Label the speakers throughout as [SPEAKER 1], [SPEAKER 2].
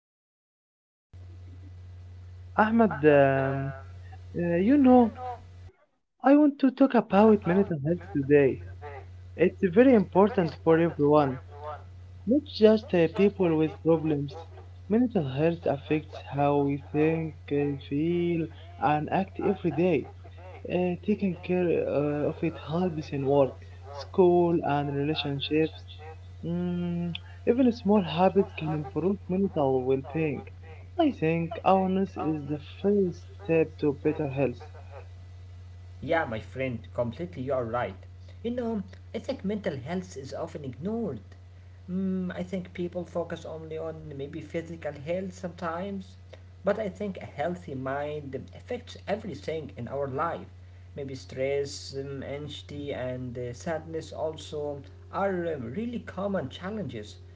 [SPEAKER 1] my friend, thank you.
[SPEAKER 2] Ahmad, uh, you know, I want to talk about mental health today. It's very important for everyone, not just people with problems. Mental health affects how we think, feel, and act every day. Taking care of it helps in work, school, and relationships. Mm, Even small habits can improve mental well-being. I think awareness is the first step to better health.
[SPEAKER 1] Yeah, my friend, completely you are right. You know, I think mental health is often ignored. I think people focus only on maybe physical health sometimes, but I think a healthy mind affects everything in our life. Maybe stress, anxiety, and sadness also are really common challenges.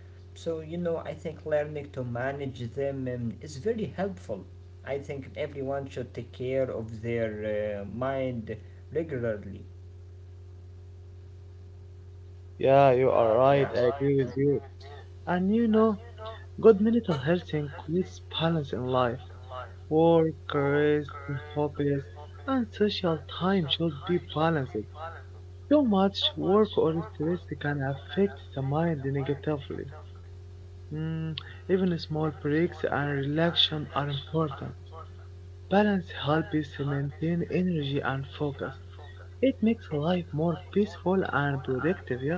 [SPEAKER 1] So, I think learning to manage them is very helpful. I think everyone should take care of their mind regularly.
[SPEAKER 2] Yeah, you are right. I agree with you. And you know, good mental health includes balance in life. Work, rest, hobbies, and social time should be balanced. Too much work or stress can affect the mind negatively. Mm, Even small breaks and relaxation are important. Balance helps us maintain energy and focus. It makes life more peaceful and productive. Yeah.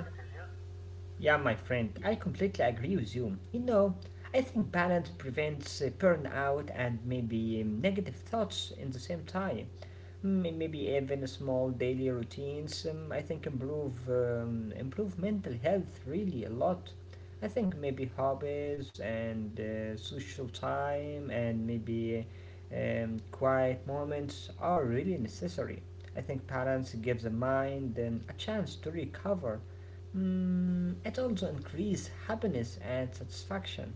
[SPEAKER 1] Yeah, my friend, I completely agree with you. I think balance prevents burnout and maybe negative thoughts in the same time. Maybe even small daily routines. I think improve mental health really a lot. I think maybe hobbies and social time and maybe quiet moments are really necessary. I think balance gives the mind a chance to recover. It also increases happiness and satisfaction.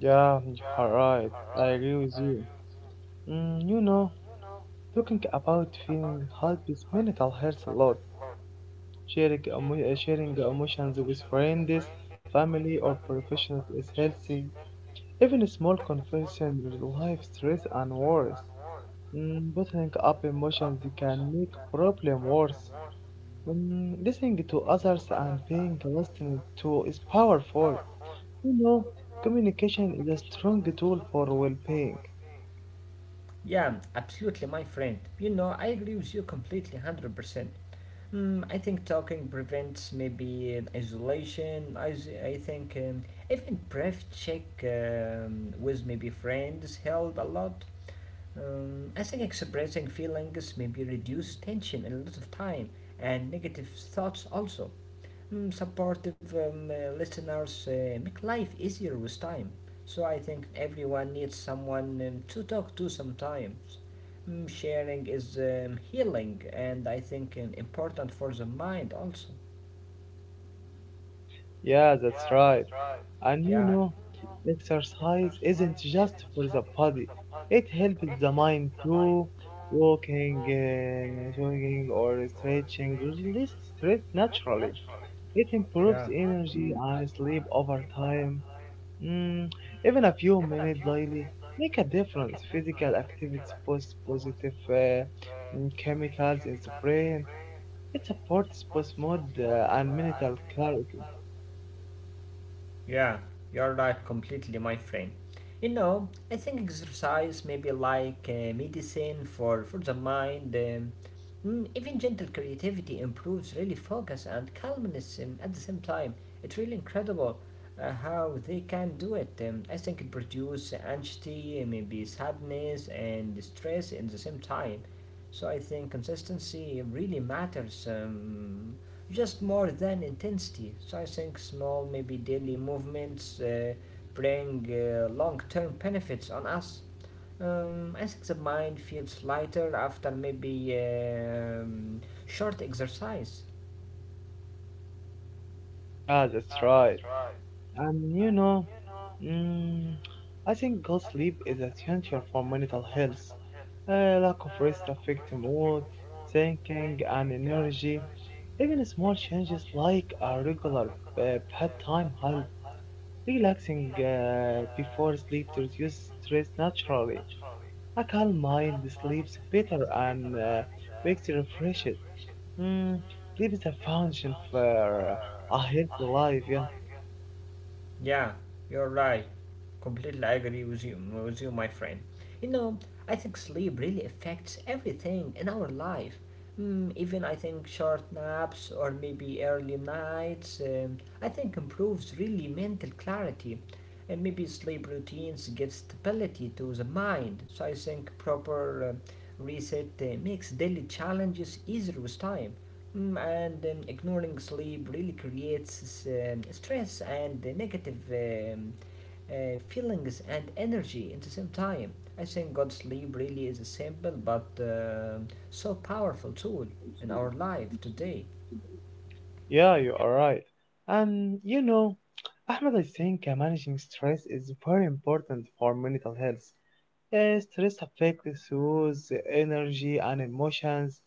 [SPEAKER 2] Yeah, you are right. I agree with you. You know, talking about feeling helps mental health a lot. Sharing emotions with friends, family, or professionals is healthy. Even a small conversation relieve stress and worries. Bottling up emotions can make problem worse. Listening to others and being listened to is powerful. You know, communication is a strong tool for well-being.
[SPEAKER 1] Yeah, absolutely, my friend. I agree with you completely, 100%. I think talking prevents maybe isolation. I think even brief check with maybe friends help a lot. I think expressing feelings maybe reduce tension and a lot of time and negative thoughts also. Supportive listeners make life easier with time. So I think everyone needs someone to talk to sometimes. Sharing is healing and I think important for the mind also.
[SPEAKER 2] Yeah, that's right. And you
[SPEAKER 1] Yeah,
[SPEAKER 2] know, exercise isn't just for the body. It helps the mind too. Walking, jogging, or stretching releases stress naturally. It improves energy and sleep over time. Mm, Even a few minutes daily make a difference. Physical activity boosts positive chemicals in the brain. It supports both mood and mental clarity.
[SPEAKER 1] yeah, you're right completely, my friend. I think exercise maybe like medicine for the mind. Even gentle creativity improves really focus and calmness at the same time. It's really incredible how they can do it. I think it produces anxiety, maybe sadness, and stress in the same time. So I think consistency really matters just more than intensity. So I think small, maybe daily movements bring long term benefits on us. As the mind feels lighter after maybe short exercise.
[SPEAKER 2] Yeah, that's right. And you know, mm, I think good sleep is essential for mental health. Lack of rest affects mood, thinking, and energy. Even small changes like a regular bedtime help. Relaxing before sleep to reduce stress naturally. A calm mind sleeps better and wakes refreshed. Mm, Sleep is a function for a healthy life. Yeah,
[SPEAKER 1] Yeah, you're right. Completely agree with you, my friend. You know, I think sleep really affects everything in our life. Even I think short naps or maybe early nights. I think improves really mental clarity, and maybe sleep routines give stability to the mind. So I think proper reset makes daily challenges easier with time. And ignoring sleep really creates stress and negative feelings and energy at the same time. I think God sleep really is a simple but so powerful tool in our life today.
[SPEAKER 2] yeah, you are right. And you know, Ahmed, I think managing stress is very important for mental health. Yeah, stress affects youth energy and emotions.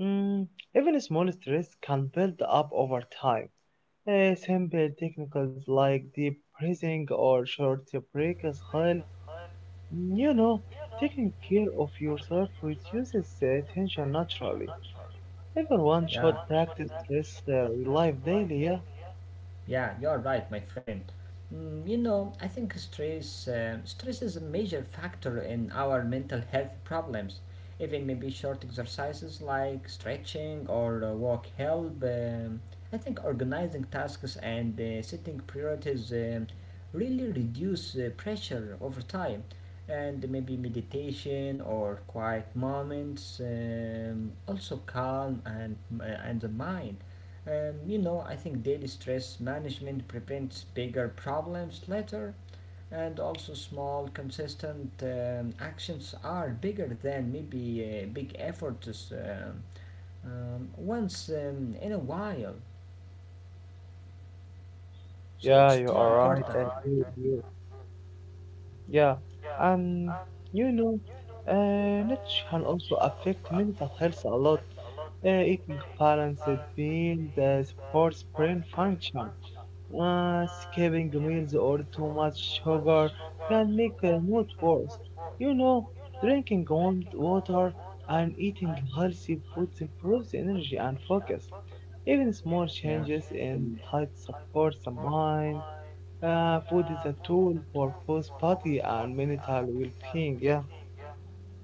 [SPEAKER 2] Mm, Even small stress can build up over time. Simple techniques like deep breathing or short breaks help. You know, taking care of yourself reduces tension naturally. Everyone should practice stress relief daily. Yeah.
[SPEAKER 1] Yeah, you're right, my friend. I think stress is a major factor in our mental health problems. Even maybe short exercises like stretching or walk help. I think organizing tasks and setting priorities really reduce pressure over time. And maybe meditation or quiet moments also calm and the mind. I think daily stress management prevents bigger problems later, and also small, consistent actions are bigger than maybe big efforts once in a while.
[SPEAKER 2] Yeah,
[SPEAKER 1] So it's
[SPEAKER 2] you
[SPEAKER 1] so,
[SPEAKER 2] are right. I agree with you. Yeah, and you know, nutrition can also affect mental health a lot. Eating balanced meals supports brain function. Skipping meals or too much sugar can make the mood worse. You know, drinking warm water and eating healthy foods improves energy and focus. Even small
[SPEAKER 1] yeah.
[SPEAKER 2] changes in diet support the mind food is a tool for both body and mental well-being. Yeah,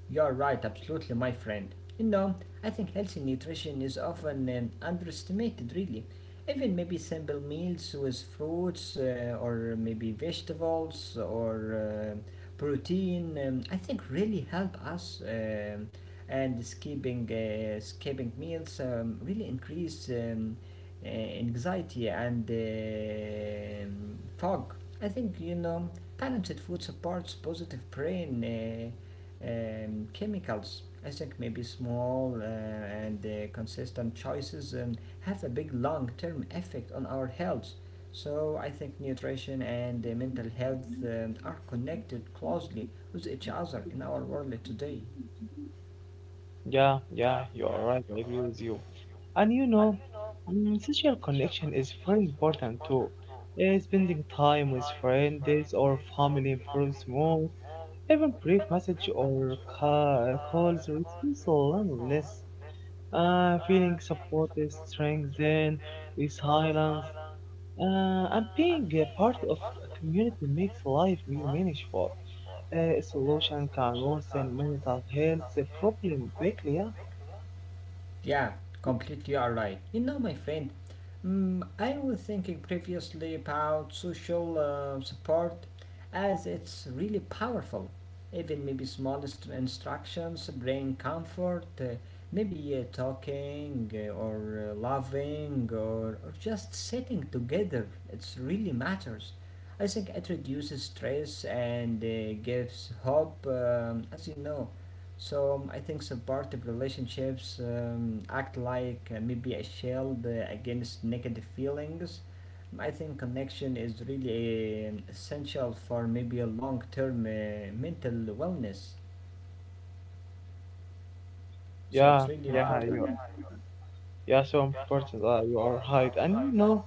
[SPEAKER 1] You're right, absolutely, my friend. I think healthy nutrition is often underestimated, really. Even maybe simple meals with fruits or maybe vegetables or protein, I think really help us. And skipping meals really increase anxiety and fog. I think, balanced food supports positive brain. Chemicals. I think maybe small and consistent choices have a big long term effect on our health. So I think nutrition and mental health are connected closely with each other in our world today.
[SPEAKER 2] yeah, yeah. You are right. I agree with you. And you know, social connection is very important too. Spending time with friends or family improves mood. Even brief message or calls reduce loneliness. Feeling support is strengthened resilience. And being a part of a community makes life more meaningful. Isolation can worsen mental health problem quickly. Yeah,
[SPEAKER 1] Yeah, completely alright. My friend, I was thinking previously about social support as it's really powerful. Even maybe smallest instructions bring comfort, maybe talking or loving or just sitting together. It's really matters. I think it reduces stress and gives hope, as you know. So I think supportive relationships act like maybe a shield against negative feelings. I think connection is really essential for maybe a long-term mental wellness. So it's
[SPEAKER 2] yeah,
[SPEAKER 1] really.
[SPEAKER 2] yeah. Yeah, so important. You are right, and you know,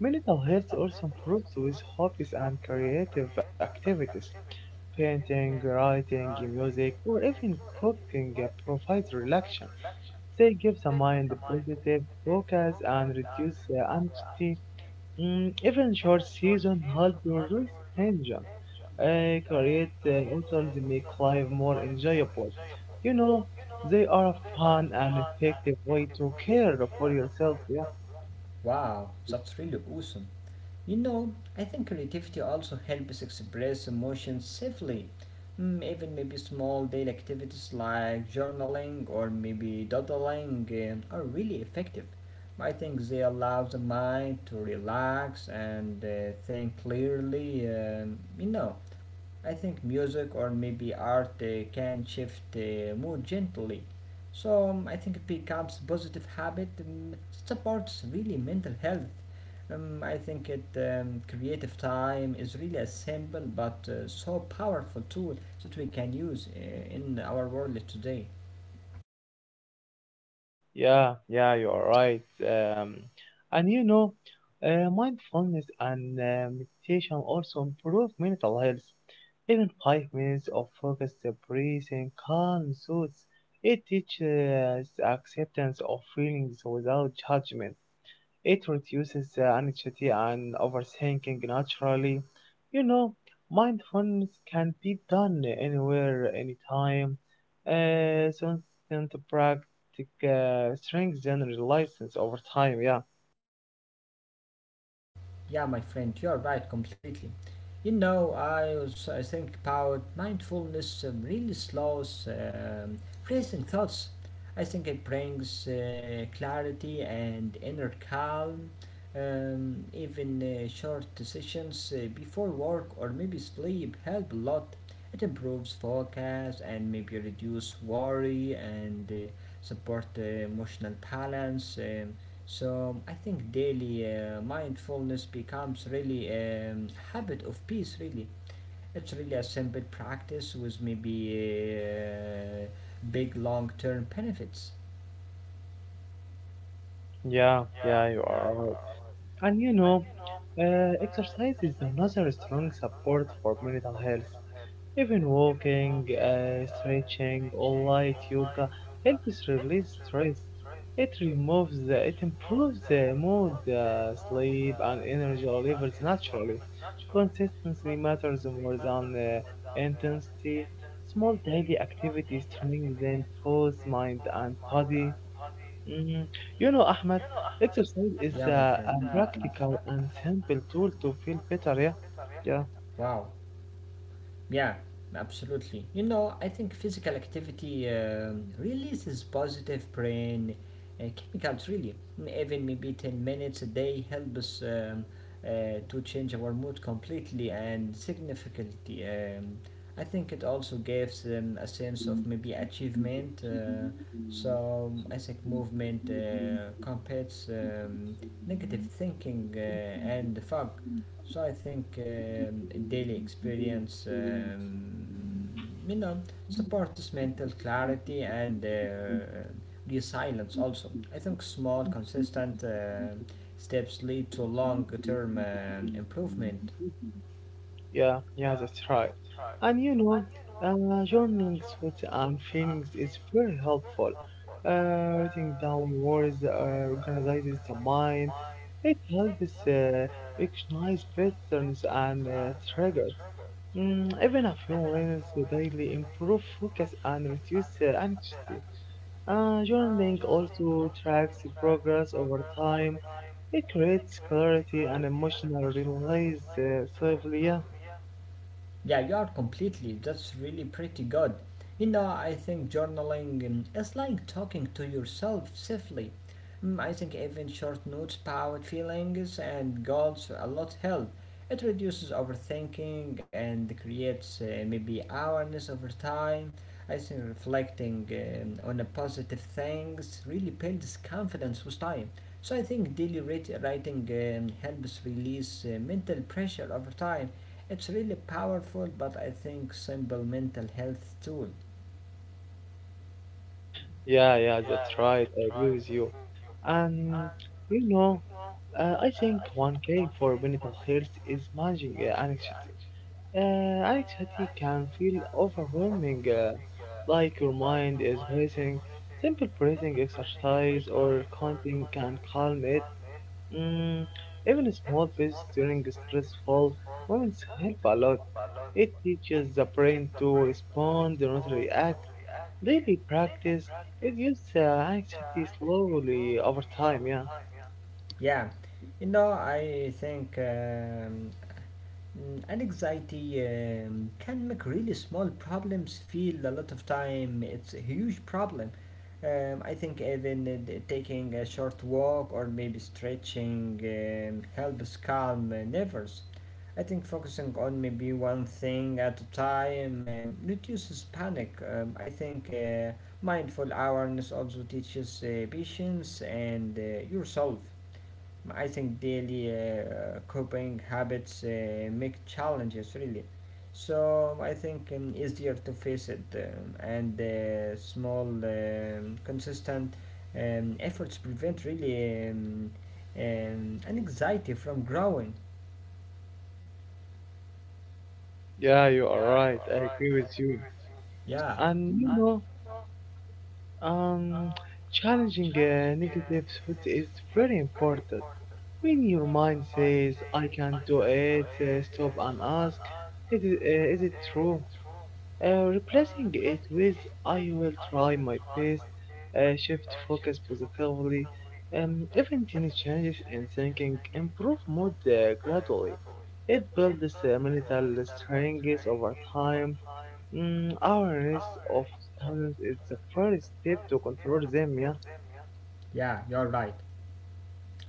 [SPEAKER 2] mental health also improves with hobbies and creative activities. Painting, writing, music, or even cooking provide relaxation. They give the mind positive focus and reduce anxiety. Even short season help reduce tension, create hotels make life more enjoyable. You know, they are a fun and effective way to care for yourself. Yeah?
[SPEAKER 1] Wow, that's really awesome. I think creativity also helps express emotions safely. Even maybe small daily activities like journaling or maybe doodling are really effective. I think they allow the mind to relax and think clearly. I think music or maybe art can shift the mood gently. So I think it becomes a positive habit. It supports really mental health. I think it creative time is really a simple but so powerful tool that we can use in our world today.
[SPEAKER 2] Yeah, yeah, you are right. Um, and you know, mindfulness and meditation also improve mental health. Even 5 minutes of focused breathing calm thoughts. It teaches acceptance of feelings without judgment. It reduces the anxiety and overthinking naturally. You know, mindfulness can be done anywhere, anytime. Uh, Constant practice strengthens resilience over time. Yeah,
[SPEAKER 1] Yeah, my friend, you're right completely. I think about mindfulness really slows racing thoughts. I think it brings clarity and inner calm. Even short sessions before work or maybe sleep help a lot. It improves focus and maybe reduce worry and support emotional balance. So I think daily mindfulness becomes really a habit of peace. Really, it's really a simple practice with maybe big long term benefits.
[SPEAKER 2] yeah, yeah. You are right. And you know, exercise is another strong support for mental health. Even walking, stretching, or light yoga helps release stress. It improves the mood, sleep, and energy levels naturally. Consistency matters more than intensity. Small daily activities strengthen both mind and body. Mm, You know, Ahmed, exercise is
[SPEAKER 1] Yeah,
[SPEAKER 2] a practical and simple tool to feel better, yeah? Yeah.
[SPEAKER 1] wow. Yeah, absolutely. I think physical activity releases positive brain chemicals. Really, and even maybe 10 minutes a day help us to change our mood completely and significantly. I think it also gives them a sense of maybe achievement. So I think movement combates negative thinking and the fog. So I think daily experience, supports mental clarity and resilience also. I think small, consistent steps lead to long-term improvement.
[SPEAKER 2] Yeah, yeah, that's right. And you know, uh, journaling thoughts and feelings is very helpful. Writing down words organizes the mind. It helps uh, recognize patterns and triggers. Even a few lines daily improve focus and reduce anxiety. Journaling also tracks progress over time. It creates clarity and emotional release safely. Yeah,
[SPEAKER 1] Yeah, you are completely. That's really pretty good. I think journaling is like talking to yourself safely. I think even short notes about feelings and goals a lot help. It reduces overthinking and creates maybe awareness over time. I think reflecting on a positive things really builds confidence with time. So I think daily writing helps release mental pressure over time. It's really powerful, but I think simple mental health tool.
[SPEAKER 2] yeah, yeah. That's right. I agree with you. And you know, I think one key for mental health is managing anxiety. Anxiety can feel overwhelming, like your mind is racing. Simple breathing exercise or counting can calm it. Mm, Even small bits during stressful moments help a lot. It teaches the brain to respond, not react. Daily practice reduces anxiety slowly over time. Yeah,
[SPEAKER 1] Yeah, I think. And anxiety can make really small problems feel a lot of time it's a huge problem. I think even taking a short walk or maybe stretching helps calm nerves. I think focusing on maybe one thing at a time reduces panic. I think mindful awareness also teaches patience and yourself. I think daily coping habits make challenges really. So I think easier to face it and small consistent efforts prevent really an anxiety from growing.
[SPEAKER 2] yeah, you are right. I agree with you.
[SPEAKER 1] Yeah,
[SPEAKER 2] And you know, um, challenging negative thoughts is very important. When your mind says, "I can't do it," stop and ask, " is it true?" Replacing it with I will try my best, shift focus positively, even tiny changes in thinking improve mood gradually. It builds mental strength over time. Awareness of talents is the first step to control them, yeah?
[SPEAKER 1] yeah, you're right.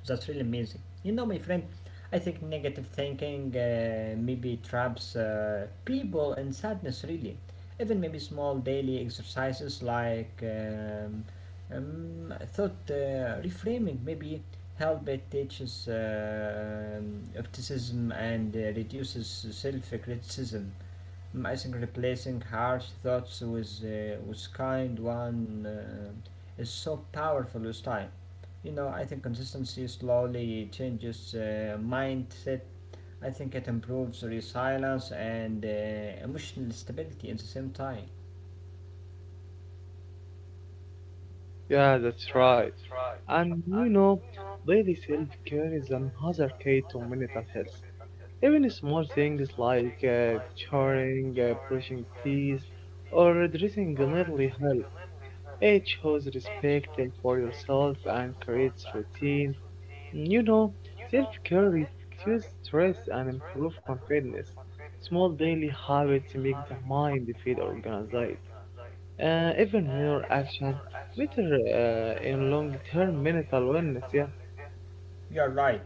[SPEAKER 1] That's really amazing. My friend, I think negative thinking maybe traps people in sadness, really. Even maybe small daily exercises like thought reframing maybe help it teaches optimism and reduces self criticism. I think replacing harsh thoughts with kind one is so powerful with time. I think consistency slowly changes mindset. I think it improves resilience and emotional stability at the same time.
[SPEAKER 2] Yeah, that's right. And you know, daily self care is another key to mental health. Even small things like churning, brushing teeth, or dressing neatly help. It shows respect for yourself and creates routine. You know, self-care reduces stress and improves confidence. Small daily habits make the mind feel organized. Even minor action matter in long-term mental wellness. Yeah,
[SPEAKER 1] You're right.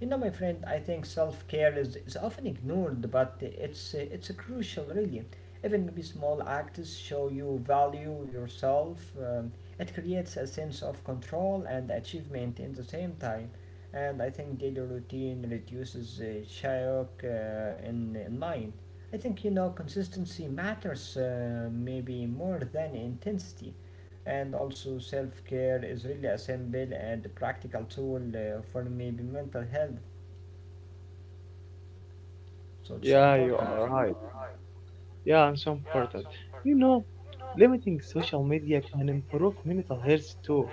[SPEAKER 1] My friend, I think self care is often ignored, but it's crucial, really. Even maybe small acts show you value yourself. It creates a sense of control and achievement in the same time. And I think daily routine reduces shock in mind. I think, consistency matters maybe more than intensity and also self-care is really a simple and practical tool for maybe mental health, so it's
[SPEAKER 2] yeah,
[SPEAKER 1] so
[SPEAKER 2] you
[SPEAKER 1] important.
[SPEAKER 2] are right. Yeah, and so important. You know, limiting social media can improve mental health too.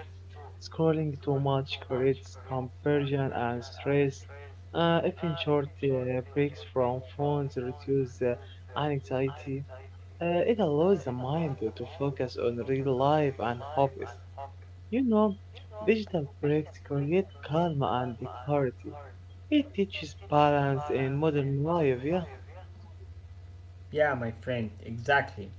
[SPEAKER 2] Scrolling too much creates confusion and stress. Even short breaks from phones reduce anxiety. It allows the mind to focus on real life and hobbies. You know, digital breaks create calm and clarity. It teaches balance in modern life, yeah.
[SPEAKER 1] Yeah, my friend, exactly.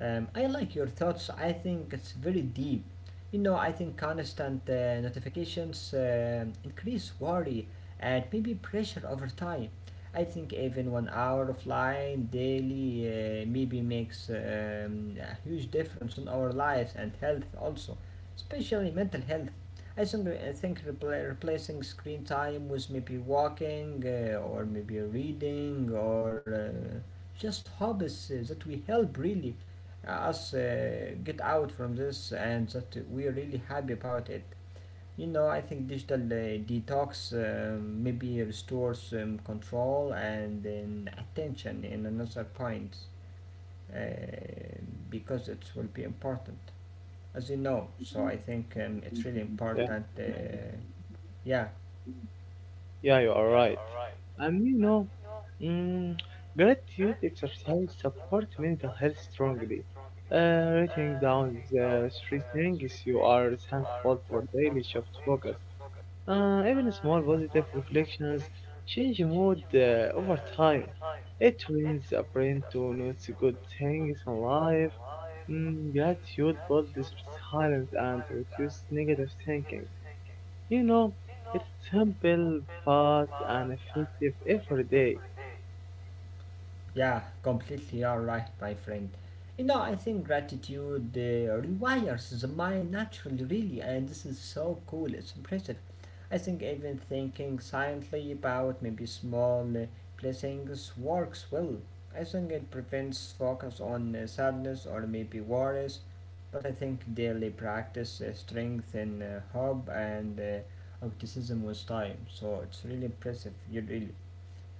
[SPEAKER 1] I like your thoughts. I think it's very deep. I think constant notifications increase worry and maybe pressure over time. I think even 1 hour offline daily maybe makes a huge difference in our lives and health also, especially mental health. I think replacing screen time with maybe walking or maybe reading or just hopes that we help really us get out from this and that we're really happy about it. I think digital detox maybe restores control and attention in another point uh, because it will be important, as you know. So I think it's really important. Uh, uh, yeah.
[SPEAKER 2] Yeah, you are right. And you know, mm, gratitude exercise support mental health strongly. Writing down the three things you are thankful for daily shift focus. Even small positive reflections change mood over time. It trains the brain to notice good things in life. Gratitude builds resilience and reduces negative thinking. You know, it's simple, fast, and effective every day.
[SPEAKER 1] Yeah, completely all right, my friend. I think gratitude rewires the mind naturally, really, and this is so cool. It's impressive. I think even thinking silently about maybe small blessings works well. I think it prevents focus on sadness or maybe worries, but I think daily practice strengthens hope and optimism with time. So it's really impressive. You really.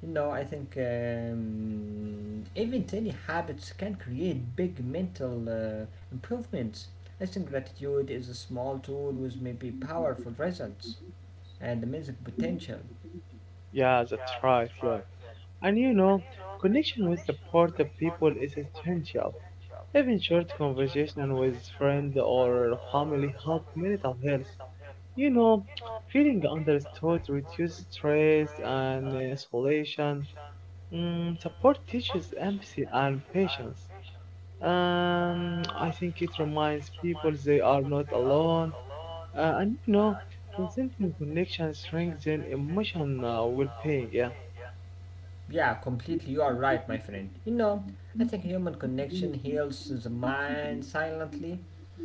[SPEAKER 1] You know, I think even tiny habits can create big mental improvements. I think gratitude is a small tool with maybe powerful results and amazing potential.
[SPEAKER 2] Yeah, that's right, yeah. And you know, connection with supportive people is essential. Even short conversation with friend or family help mental health. You know, feeling understood reduces stress and isolation. Support teaches empathy and patience. I think it reminds people they are not alone. And you know, consistent connection strengthens emotional well-being. Yeah.
[SPEAKER 1] Yeah, completely. You are right, my friend. You know, I think human connection heals the mind silently.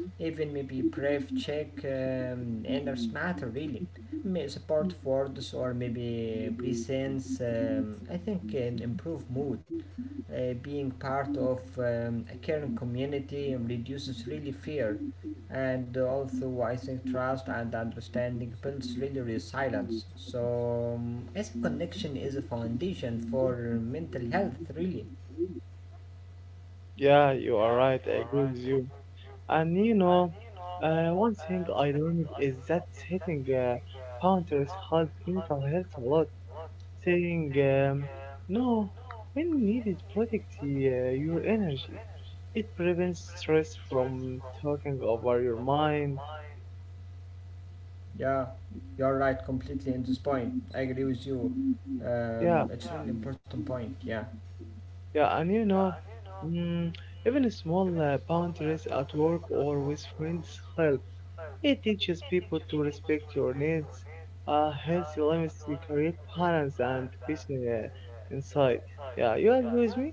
[SPEAKER 1] Even maybe brave check enters matter reading, may support words or maybe presents. I think can improve mood. Being part of a caring community reduces really fear, and also I think trust and understanding builds really resilience. So I think connection is a foundation for mental health, really.
[SPEAKER 2] Yeah, you are right. I agree with you. And you know, one thing I learned is that setting boundaries help mental health a lot. Saying no when needed protect your energy. It prevents stress from talking over your mind.
[SPEAKER 1] Yeah, you're right completely in this point. I agree with you.
[SPEAKER 2] Yeah,
[SPEAKER 1] It's important point. Yeah.
[SPEAKER 2] yeah, and you know, mm, even small boundaries at work or with friends help. It teaches people to respect your needs. Healthy limits to create balance and peace inside. Yeah, you agree with me?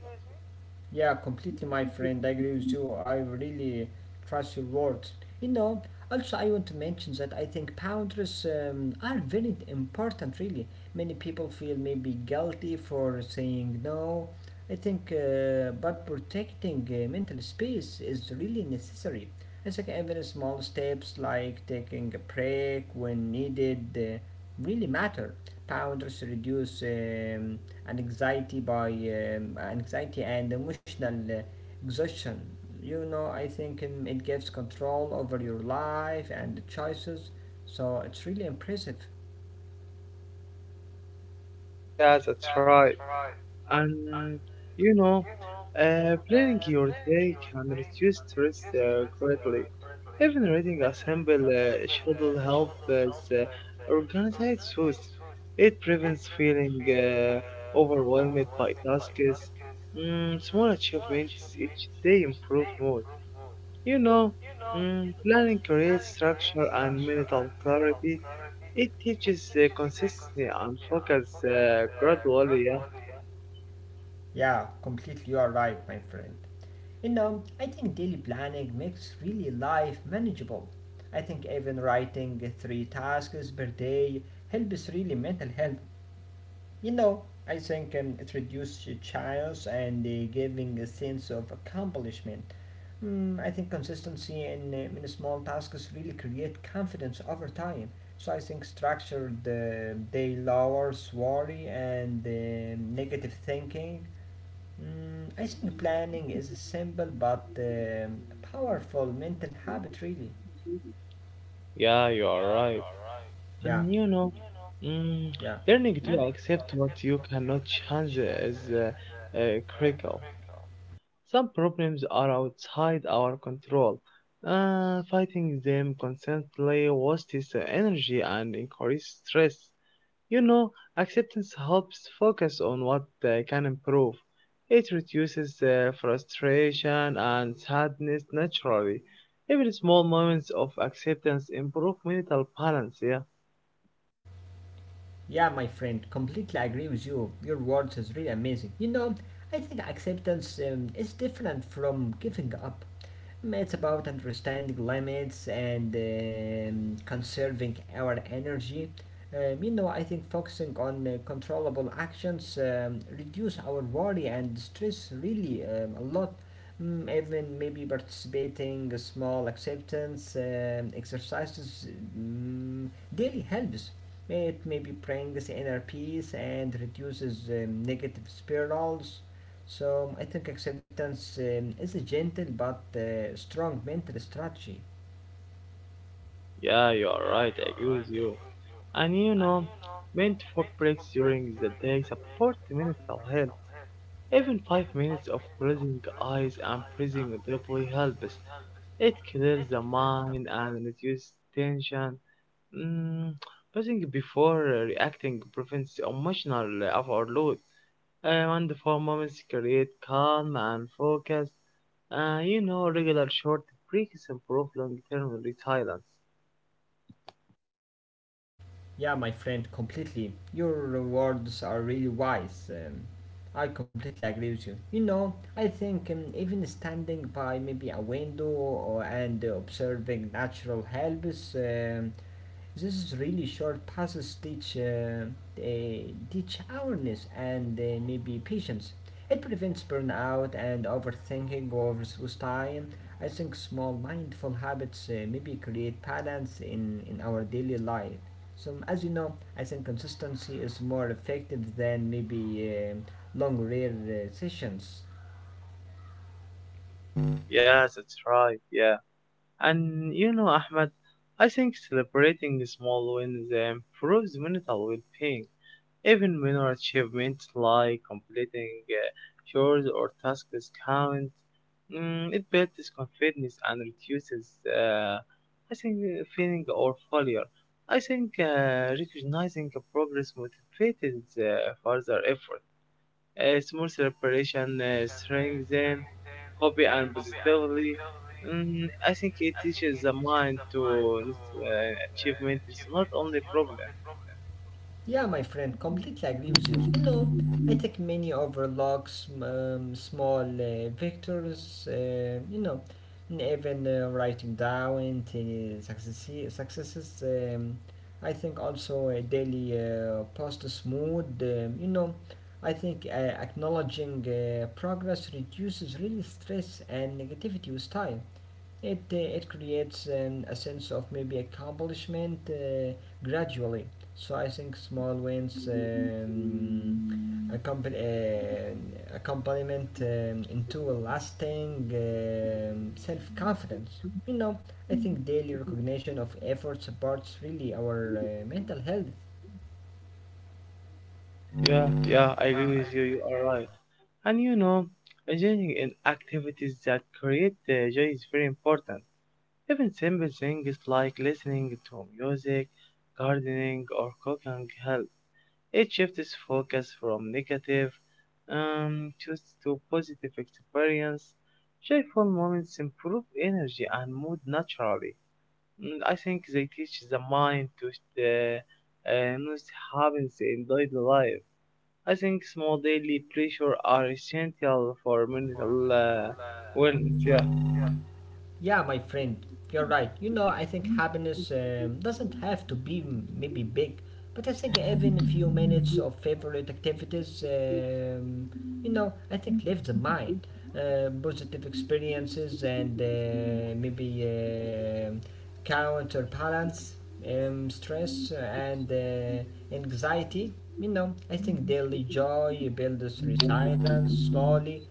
[SPEAKER 1] Yeah, completely, my friend. I agree with you. I really trust your words. You know, also, I want to mention that I think boundaries are very important, really. Many people feel maybe guilty for saying no. I think, but protecting mental space is really necessary. I think even small steps like taking a break when needed really matter. Boundaries reduce. And anxiety by anxiety and emotional exhaustion. You know, I think it gives control over your life and the choices, so it's really impressive.
[SPEAKER 2] Yeah, that's right. And you know, planning your day can reduce stress greatly. Even reading a simple schedule helps organize thoughts. It prevents feeling overwhelmed by tasks. Small achievements each day improve mood. You know, planning creates structure and mental clarity. It teaches consistency and focus gradually. Yeah.
[SPEAKER 1] Yeah, completely, you are right, my friend. You know, I think daily planning makes really life manageable. I think even writing three tasks per day helps really mental health. You know, I think it reduces chance and giving a sense of accomplishment. Mm, I think consistency in small tasks really create confidence over time. So I think structured day lowers worry and negative thinking. Mm, I think planning is a simple but powerful mental habit, really.
[SPEAKER 2] Yeah, you are right.
[SPEAKER 1] Yeah,
[SPEAKER 2] And you know, mm,
[SPEAKER 1] yeah,
[SPEAKER 2] learning to accept what you cannot change is critical. Some problems are outside our control. Fighting them constantly wastes energy and increases stress. You know, acceptance helps focus on what can improve. It reduces frustration and sadness naturally. Even small moments of acceptance improve mental balance. Yeah.
[SPEAKER 1] yeah, my friend. Completely agree with you. Your words is really amazing. You know, I think acceptance is different from giving up. It's about understanding limits and conserving our energy. You know, I think focusing on controllable actions reduce our worry and stress really a lot. Mm, even maybe participating a small acceptance exercises daily helps. It maybe brings inner peace and reduces negative spirals. So I think acceptance is a gentle but strong mental strategy.
[SPEAKER 2] Yeah, you are right. I agree with you. And you know, mindful breaks during the day support mental health. Even 5 minutes of closing eyes and breathing deeply helps. It clears the mind and reduces tension. Mm, Breathing before reacting prevents emotional overload. And for moments create calm and focus. You know, regular short breaks improve long-term resilience.
[SPEAKER 1] Yeah, my friend, completely. Your words are really wise. I completely agree with you. You know, I think even standing by maybe a window or, and observing natural helps. This is really short passes teach uh, teach awareness and maybe patience. It prevents burnout and overthinking over with time. I think small mindful habits maybe create balance in our daily life. So as you know, I think consistency is more effective than maybe um long rare sessions.
[SPEAKER 2] Yeah, that's right. Yeah. And you know, Ahmed, I think celebrating small wins improves mental well being. Even minor achievements like completing chores or tasks count. It builds confidence and reduces, uh, I think, feeling or failure. I think recognizing progress motivates further effort. A small celebration strengthens hobby and positively. I think it teaches the mind to achievement is not only problem.
[SPEAKER 1] Yeah, my friend, completely agree with you. You know, I think many overlooks small victors, you know, and even writing down successes. I think also a daily post mood, you know, I think acknowledging progress reduces really stress and negativity with time. It creates a sense of maybe accomplishment gradually. So I think small wins accompan- uh, accompaniment into a lasting self confidence. You know, I think daily recognition of effort supports really our mental health.
[SPEAKER 2] Yeah, yeah, I agree with you. You are right. And you know, engaging in activities that create joy is very important. Even simple things like listening to music, gardening, or cooking help. It shifts focus from negative um, to, to positive experience. Joyful moments improve energy and mood naturally. I think they teach the mind to the not happens in daily life. I think small daily pleasures are essential for mental wellness. Yeah,
[SPEAKER 1] Yeah, my friend, you're right. You know, I think happiness doesn't have to be maybe big, but I think even a few minutes of favorite activities, you know, I think lift the mind. Positive experiences and maybe counterbalance stress and anxiety. You know, I think daily joy builds resilience slowly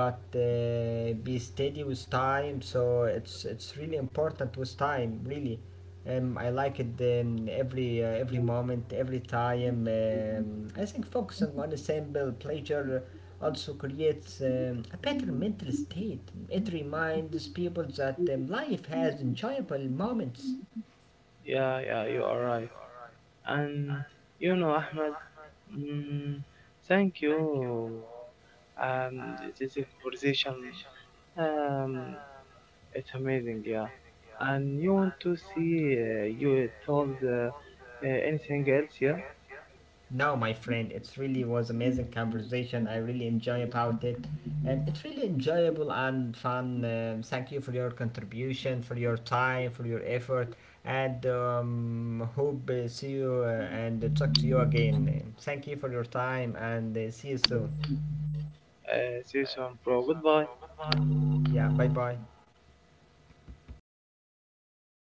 [SPEAKER 1] but be steady with time, so it's really important with time, really. I like it. Every moment, every time, I think focusing on a simple pleasure also creates a better mental state. It reminds people that life has enjoyable moments.
[SPEAKER 2] yeah, yeah. You are right. And you know, Ahmed, mm, thank you. This is conversation, um, it's amazing, yeah. And you want to see you told anything else, yeah?
[SPEAKER 1] No, my friend, it's really was amazing conversation. I really enjoy about it, and it's really enjoyable and fun. Thank you for your contribution, for your time, for your effort, and hope see you and talk to you again. Thank you for your time, and see you soon.
[SPEAKER 2] See you soon, bro. Goodbye.
[SPEAKER 1] Yeah, bye bye.